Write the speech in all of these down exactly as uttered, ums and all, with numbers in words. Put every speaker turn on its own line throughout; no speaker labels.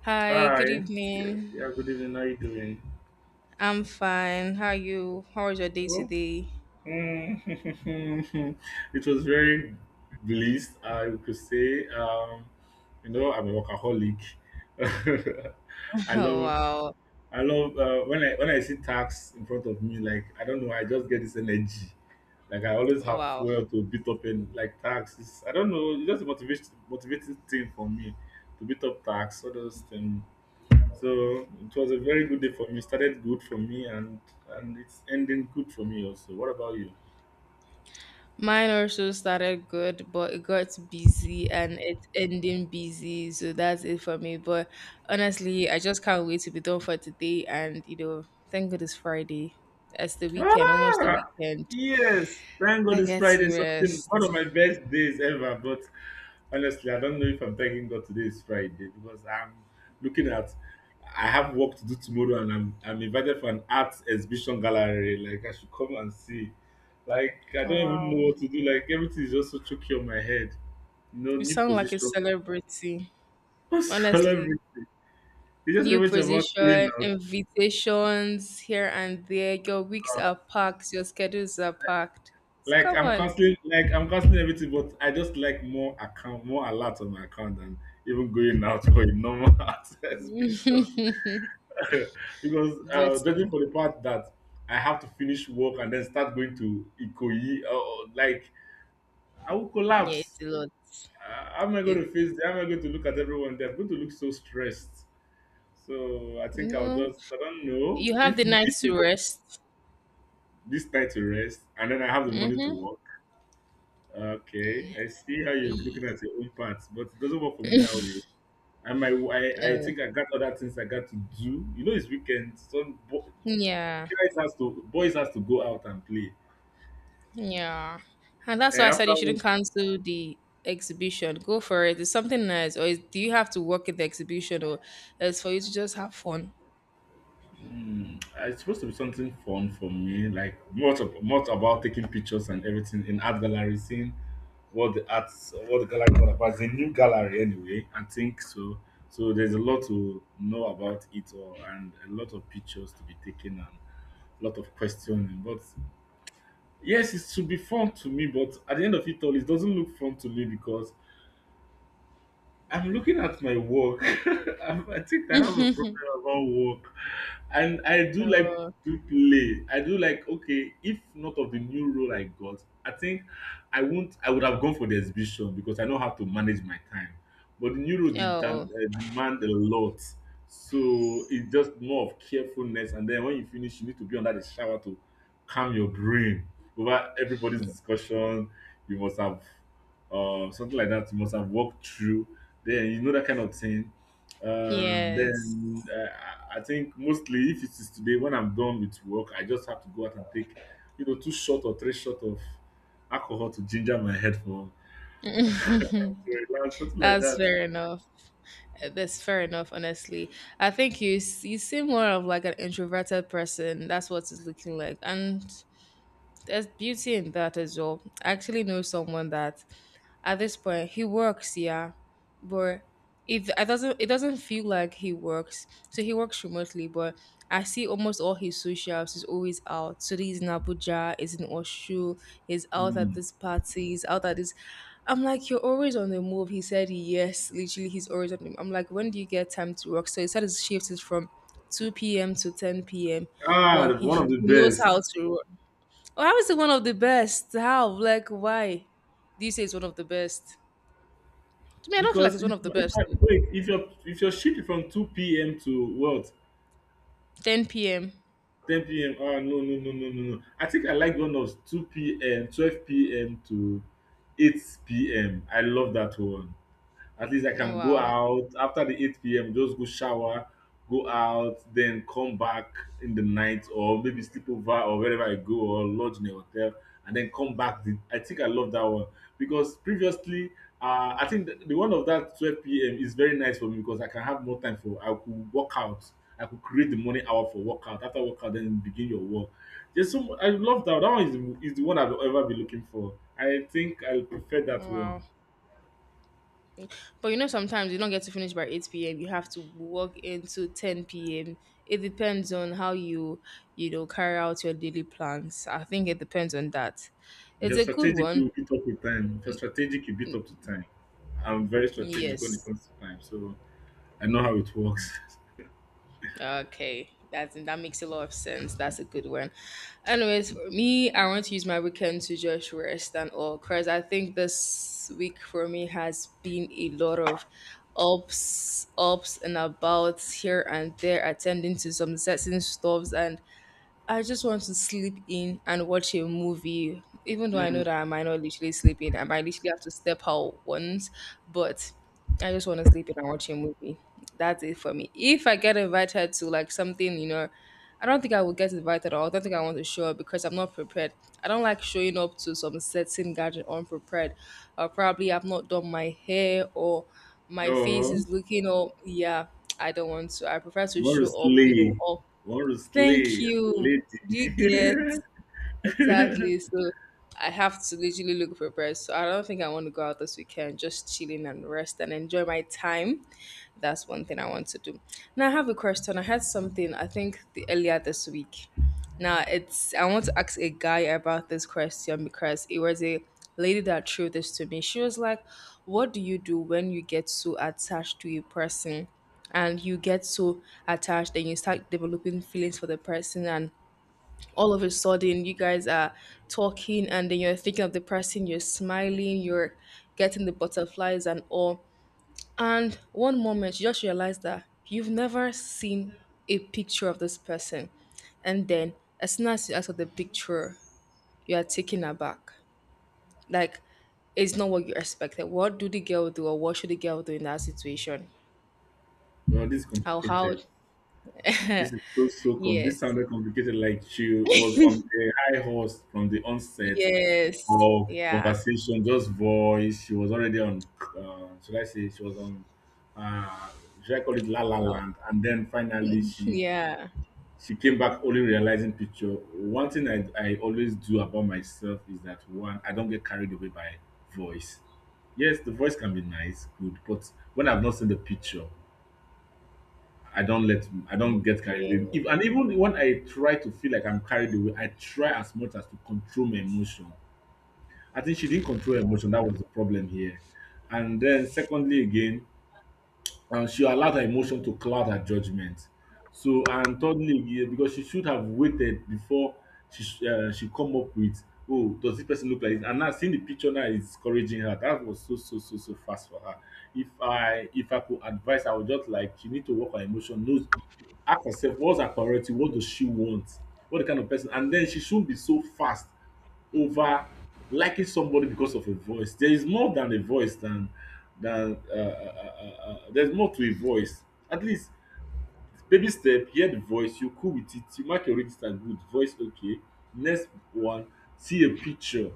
Hi,
Hi.
good
Yeah,
evening.
yeah, good evening. How you doing?
I'm fine. How are you? How was your day
Well,
today?
mm, it was very blissed, I could say. Um, you know, I'm a workaholic. I
Oh,
love,
wow.
I love uh, when I when I see tax in front of me. Like I don't know, I just get this energy. Like I always have
Wow.
fuel to beat up in like tax. It's, I don't know, it's just a motivation, motivating thing for me to beat up tax, all those things. So it was a very good day for me. It started good for me, and and it's ending good for me also. What about you?
Mine also started good, but it got busy and it's ending busy. So that's it for me. But honestly, I just can't wait to be done for today. And, you know, thank God it's Friday. It's the weekend, almost the
Ah,
weekend.
yes. Thank God
I
it's
get
Friday.
to
Something one
rest.
of my best days ever. But honestly, I don't know if I'm thanking God today is Friday because I'm looking at. I have work to do tomorrow, and I'm I'm invited for an art exhibition gallery. Like I should come and see. Like I don't
Oh,
even
wow.
know what to do. Like everything is just so choky on my head. No
You
new
sound like a
position.
celebrity.
What's all
Honestly,
everything? It's just
new
everything about going
position,
out.
invitations here and there. Your weeks
Uh,
are packed, your schedules are packed. So
Like
come
I'm
on.
canceling, like I'm canceling everything, but I just like more account, more alert on my account than even going out for a normal exhibition. because
But
uh, judging for the part that I have to finish work and then start going to Ikoyi, uh, like I will
yeah,
collapse.
it's a lot.
Uh, how am I going
It,
to face? How am I going to look at everyone there? I'm going to look so stressed. So I think I'll
well,
just I don't know
you have
if,
the
if
nights to rest.
this night to rest and then I have the money to work. Okay, I see how you're
Y-
looking at your own parts, but it doesn't work for me that way. And my, I, I
uh,
think I got other things I got to do. You know, it's weekend. Some bo-
yeah,
guys has to, boys has to go out and play.
yeah. And that's
And
why I said you
after
shouldn't
work,
cancel the exhibition. Go for it. It's something nice. Or is, do you have to work at the exhibition or it's for you to just have fun?
hmm, it's supposed to be something fun for me, like much, of, much about taking pictures and everything in art gallery, seeing what the arts, what the gallery is all about. It's a new gallery anyway, I think so. So there's a lot to know about it all, and a lot of pictures to be taken lot of questioning. But yes, it should be fun to me, but at the end of it all, it doesn't look fun to me because I'm looking at my work. i I think I have a problem about work, and I do like
oh,
to play. I do like okay. If not of the new role I got, I think I won't. I would have gone for the exhibition because I know how to manage my time. But the new role did, uh,
oh,
demand a lot, so it's just more of carefulness. And then when you finish, you need to be under the shower to calm your brain over everybody's discussion. You must have uh, something like that. You must have walked through then you know that kind of thing. Um,
yes.
then uh, I I think mostly if it is today when I'm done with work, I just have to go out and take, you know, two shot or three shot of alcohol to ginger my head for to relax, something like
That's
that.
fair enough. that's fair enough honestly i think you s- you seem more of like an introverted person. That's what it's looking like. And there's beauty in that as well. I actually know someone that at this point he works, yeah, but it, it doesn't it doesn't feel like he works. So he works remotely, but I see almost all his socials is always out. So he's in Abuja, is in Oshu, he's out at
Hmm.
this party, he's out at this. I'm like, you're always on the move. He said yes, literally he's always on the move. I'm like, when do you get time to work? So he said his shift is from two p m to ten p m.
Ah,
But
the-
he,
one of
he
the
knows
best.
how to work. How is it one of the best? How? Like, why? Do you say it's one of the best? To me, I don't feel like
Because
it's
if,
one of the
if
best.
I wait, if your if your shift is from two p m to what
ten p m.
ten p m. Ah, no, no, no, no, no, no. I think I like one of two p.m. twelve p m to eight p m. I love that one. At least I can go
Wow.
out after the eight p m. Just go shower, go out, then come back in the night, or maybe sleep over or wherever I go, or lodge in a hotel, and then come back. The, I think I love that one because previously, uh, I think the, the one of that twelve p m is very nice for me because I can have more time for. I could work out. I could create the morning hour for workout. After workout, then begin your work. There's so mu- I love that. That one is, the- is the one I've ever been looking for. I think I prefer that one.
Wow. But you know, sometimes you don't get to finish by eight p m. You have to work into ten p m. It depends on how you, you know, carry out your daily plans. I think it depends on that.
If
It's
you're
a good
strategic,
one.
you beat up with time. If you're strategic, you beat up to time. I'm very strategic when it
Yes.
comes to time, so I know how it works.
Okay, that's that makes a lot of sense. That's a good one. Anyways, for me, I want to use my weekend to just rest and all because I think this week for me has been a lot of ups, ups and abouts here and there, attending to some certain stuffs. And I just want to sleep in and watch a movie, even though I know
Mm.
that I might not literally sleep in. I might literally have to step out once, but I just want to sleep in and watch a movie. That's it for me. If I get invited to like something, you know, I don't think I would get invited, or I don't think I want to show up because I'm not prepared. I don't like showing up to some certain gathering unprepared. Or probably I've not done my hair, or my face
No,
is looking all, yeah. I don't want to. I prefer to
you want to
show up,
slay.
you know,
You
all.
want to
Thank
slay as a
you. Do you get?
lady.
Exactly. So I have to literally look for bread. So I don't think I want to go out this weekend, just chilling and rest and enjoy my time. That's one thing I want to do. Now I have a question. I had something I think the earlier this week. Now it's I want to ask a guy about this question because it was a lady that threw this to me. She was like, what do you do when you get so attached to a person? And you get so attached, then you start developing feelings for the person, and all of a sudden you guys are talking, and then you're thinking of the person, you're smiling, you're getting the butterflies and all. And one moment you just realize that you've never seen a picture of this person. And then as soon as you ask for the picture, you are taken aback. Like, it's not what you expected. What do the girl do, or what should the girl do in that situation?
Well, this is
How how
complicated. This is so so com. This
yes.
sounded complicated, like she was on a high horse from the onset
Yes.
of
Yeah.
conversation, just voice. She was already on. Uh, should I say she was on? Uh, should I call it La La
Cloud.
Land? And then finally, she
Yeah.
she came back only realizing picture. One thing I I always do about myself is that one, I don't get carried away by voice. Yes, the voice can be nice, good, but when I've not seen the picture, I don't let I don't get carried
Okay.
away. If and even when I try to feel like I'm carried away, I try as much as to control my emotion. I think she didn't control her emotion. That was the problem here. And then secondly again, and she allowed her emotion to cloud her judgment. So, and thirdly, yeah, because she should have waited before she sh- uh, she come up with, oh, does this person look like this? And now seeing the picture now is encouraging her. That was so so so so fast for her. If I if I could advise, I would just like she need to work her emotion. Knows ask herself what's her priority, what does she want, what the kind of person, and then she shouldn't be so fast over liking somebody because of a voice. There is more than a voice than than uh, uh, uh, uh, uh, there's more to a voice. At least baby step, hear the voice, you cool with it, you mark your register good, voice okay. Next one, see a picture,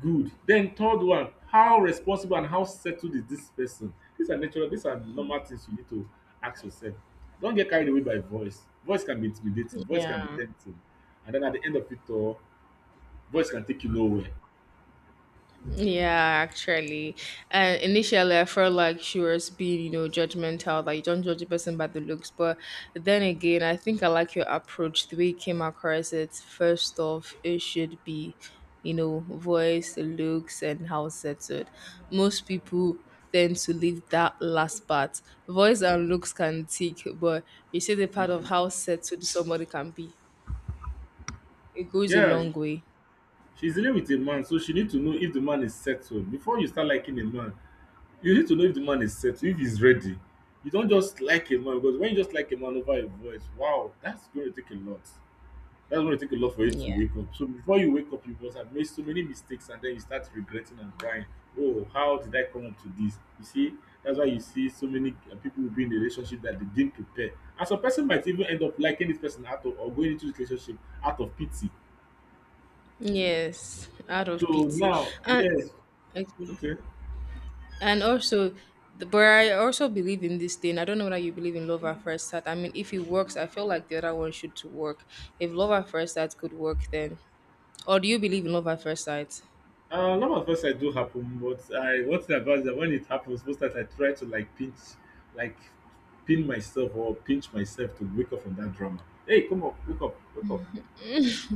good. Then third one, how responsible and how settled is this person? These are natural, these are normal things you need to ask yourself. Don't get carried away by voice. Voice can be intimidating, voice can be
Yeah.
tempting, and then at the end of it all, voice can take you nowhere.
Yeah, actually, uh, initially I felt like she was being, you know, judgmental. Like, you don't judge a person by the looks, but then again, I think I like your approach. The way you came across it, first off, it should be, you know, voice, looks, and how settled. Most people tend to leave that last part. Voice and looks can tick, but you see the part of
Hmm.
how settled somebody can be. It goes a
Yeah,
long way.
she's dealing with a man, so she need to know if the man is settled. Before you start liking a man, you need to know if the man is settled, if he's ready. You don't just like a man because when you just like a man over a voice, wow, that's going to take a lot. That's going to take a lot for you
Yeah.
to wake up. So before you wake up, you must have made so many mistakes and then you start regretting and crying. Oh, how did I come up to this? You see, that's why you see so many uh, people will be in a relationship that they didn't prepare. And some person might even end up liking this person out of or going into this relationship out of pity.
Yes, out of
So
pity.
now,
And
yes.
okay.
Okay.
And also, the- but I also believe in this thing. I don't know whether you believe in love at first sight. I mean, if it works, I feel like the other one should to work. If love at first sight could work, then, or do you believe in love at first sight?
Uh, a lot of us I do happen, but I what thing about that when it happens, most times I try to like pinch, like pin myself or pinch myself to wake up from that drama. Hey, come up, wake up, wake up.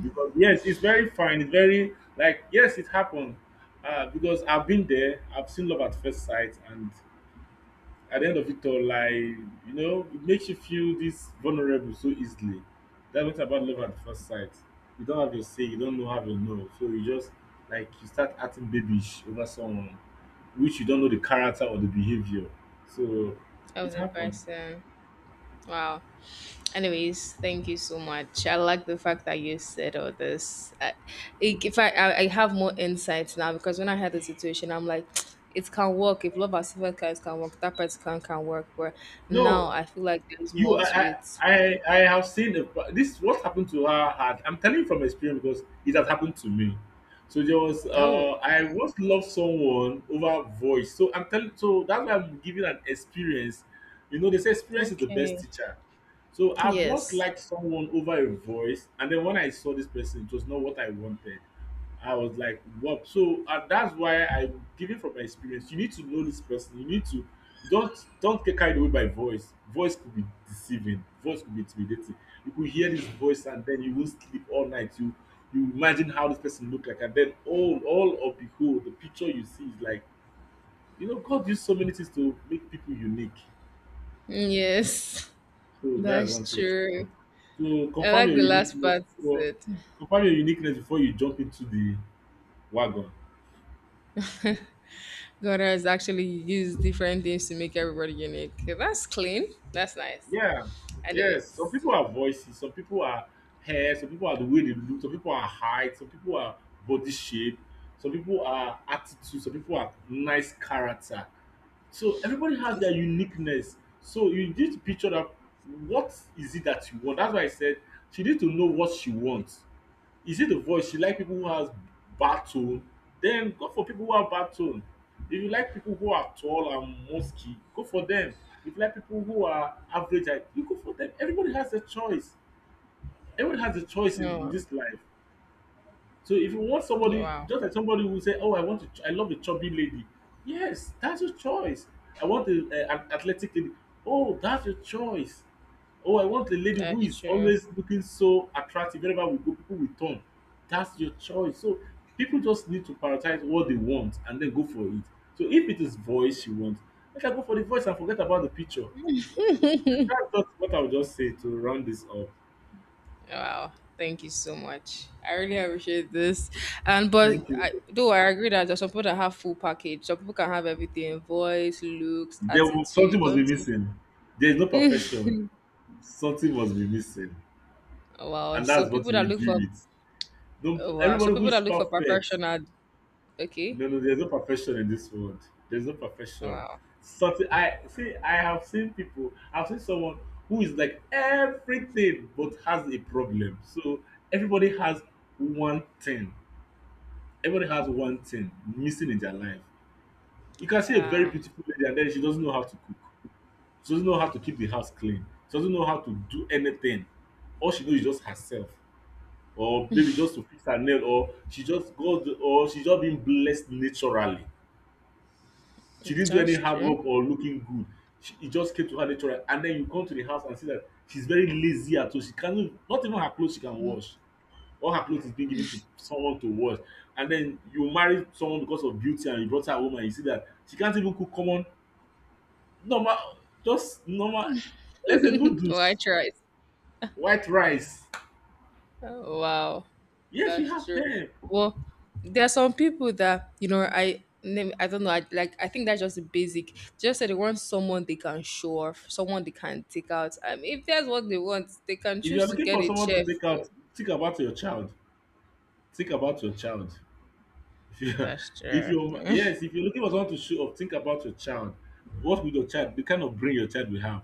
Because yes, it's very fine. It's very like yes, it happened. Uh, because I've been there. I've seen love at first sight, and at the end of it all, like you know, it makes you feel this vulnerable so easily. That's what about love at first sight. You don't have your say, you don't know how you know, so you just like you start acting babyish over someone which you don't know the character or the behavior. So
Of
it
the
happened.
person. Wow. Anyways, thank you so much. I like the fact that you said all this. I, it- if I, I, I have more insights now because when I had the situation, I'm like, it can work. If love at first sight can work, that person can, can work. But now
No,
I feel like there's
you
more to
I,
it.
I I have seen a, this what happened to her had I'm telling you from experience because it has happened to me. So there was
Oh.
uh I once loved someone over voice. So I'm telling so that's why I'm giving an experience. You know, they say experience is the best
Okay.
teacher. So I've once
Yes.
liked someone over a voice, and then when I saw this person, it was not what I wanted. I was like, "What?" So uh, that's why I'm giving from my experience. You need to know this person. You need to don't don't get carried away by voice. Voice could be deceiving. Voice could be intimidating. You could hear this voice and then you will sleep all night. You you imagine how this person look like, and then all all of the whole the picture you see is like, you know God used so many things to make people unique.
Mm, yes.
So that's
That's
one thing you should
true.
do. So
I
confirm
like
your
the last
uniqueness
part you
before
said.
confirm your uniqueness before you jump into the wagon.
God has actually used different things to make everybody unique. Okay, that's clean. That's nice.
Yeah,
Anyways.
yes. Some people are voices, some people are hair, some people are the way they look, some people are height, some people are body shape, some people are attitude, some people are nice character. So everybody has their uniqueness. So you need to picture that, what is it that you want. That's why I said she need to know what she wants. Is it the voice? She like people who has bad tone. Then go for people who have bad tone. If you like people who are tall and musky, go for them. If you like people who are average height, you go for them. Everybody has a choice. Everybody has a choice in, in
Oh,
this life. So if you want
yeah,
somebody,
wow.
just like somebody who say, "Oh, I want to, ch- I love a chubby lady," yes, that's your choice. I want a, a, an athletic lady. Oh, that's your choice. Oh, I want a lady who
That's
is
true.
always looking so attractive. Wherever we go, people will turn. That's your choice. So people just need to prioritize what they want and then go for it. So if it is voice you want, let her go for the voice and forget about the picture. So that's just what I would just say to round this up.
Wow. Thank you so much. I really appreciate this. And but
Thank you.
I though I agree that there's some people that have full package. Some people can have everything, voice, looks,
There will, something
attitude,
must be
don't you?
missing. There is no perfection. Something must be missing,
Wow.
and
So
that's what
people
you
that
will
look
deal
for,
with.
oh,
Don't
wow. So
everybody who
people
is
that look for
perfect.
perfection are okay.
No, no, there's no perfection in this world. There's no
Oh,
perfection.
wow.
Something I see. I have seen people. I've seen someone who is like everything but has a problem. So everybody has one thing. Everybody has one thing missing in their life. You can see a very
Yeah.
beautiful lady, and then she doesn't know how to cook. She doesn't know how to keep the house clean. She doesn't know how to do anything. All she knows is just herself. Or maybe just to fix her nail, or she just got or she just been blessed naturally. She didn't do any
That's
hard
true.
work or looking good. She, it just came to her naturally, and then you come to the house and see that she's very lazy at all. She cannot, not even her clothes she can wash. All her clothes is being given to someone to wash. And then you marry someone because of beauty and you brought her home and you see that she can't even cook common normal, just normal, let's say
Well, I
noodles,
tried.
white rice.
Oh, wow.
Yes, we
That's
have
true.
them.
Well, there are some people that, you know, I nem- I don't know. I, like, I think that's just the basic. Just that they want someone they can show off, someone they can take out. I mean, if that's what they want, they can
If you are
choose to
looking
get
for
a
someone to
chef.
take
Oh,
out, think about your child. Think about your child. If you
that's
if
true.
you yes, if you're looking for someone to show off, think about your child. What would your child, the kind of brain your child will have?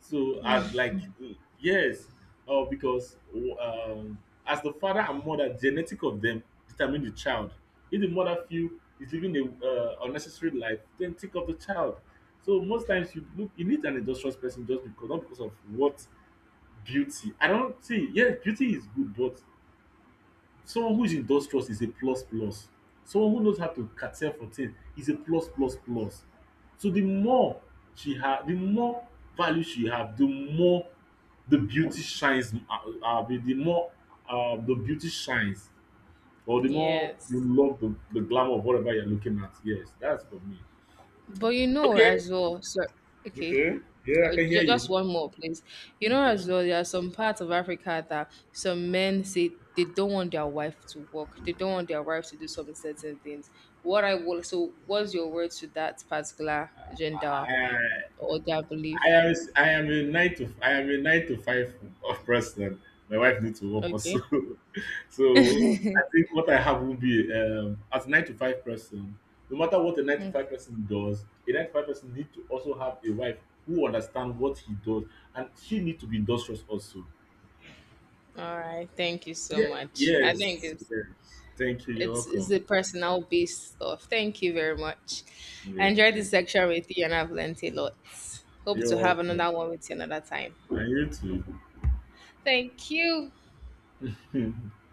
So I'd like, mm, yes, oh, because, um, as the father and mother, genetic of them determine the child. If the mother feel is living a uh, unnecessary life, then think of the child. So most times you look you need an industrious person, just because, not because of what, beauty. I don't see. Yes, beauty is good, but someone who is industrious is a plus plus. Someone who knows how to cater for things is a plus plus plus. So the more she have, the more value she have, the more the beauty shines. Uh, uh, the more uh, the beauty shines, or the more you
Yes.
love the, the glamour of whatever you're looking at. Yes, that's for me.
But you know
Okay.
as well. So, okay.
Okay. Yeah,
Uh,
I can hear
ju- just
you.
one more, please. You know,
Okay.
as well, there are some parts of Africa that some men say they don't want their wife to work. They don't want their wife to do some certain things. What I will, so what's your word to that particular gender
Uh,
or their
I
belief?
am I am a nine to I am a nine to five of person. My wife needs to work also,
Okay.
so I think what I have will be, um, as a nine to five person. No matter what a nine to five person does, a nine to five person need to also have a wife who understands what he does, and she need to be industrious also.
All right. Thank you so
Yeah.
much. I think
Yes.
it's
Yes. Thank you. You're
it's it's
welcome.
a personal based stuff. Thank you very much. I
Yes.
enjoyed this
Thank
section with you, and I've learned a lot.
you.
Hope
You're
to have
welcome.
another one with you another time.
And you
Thank you.
too.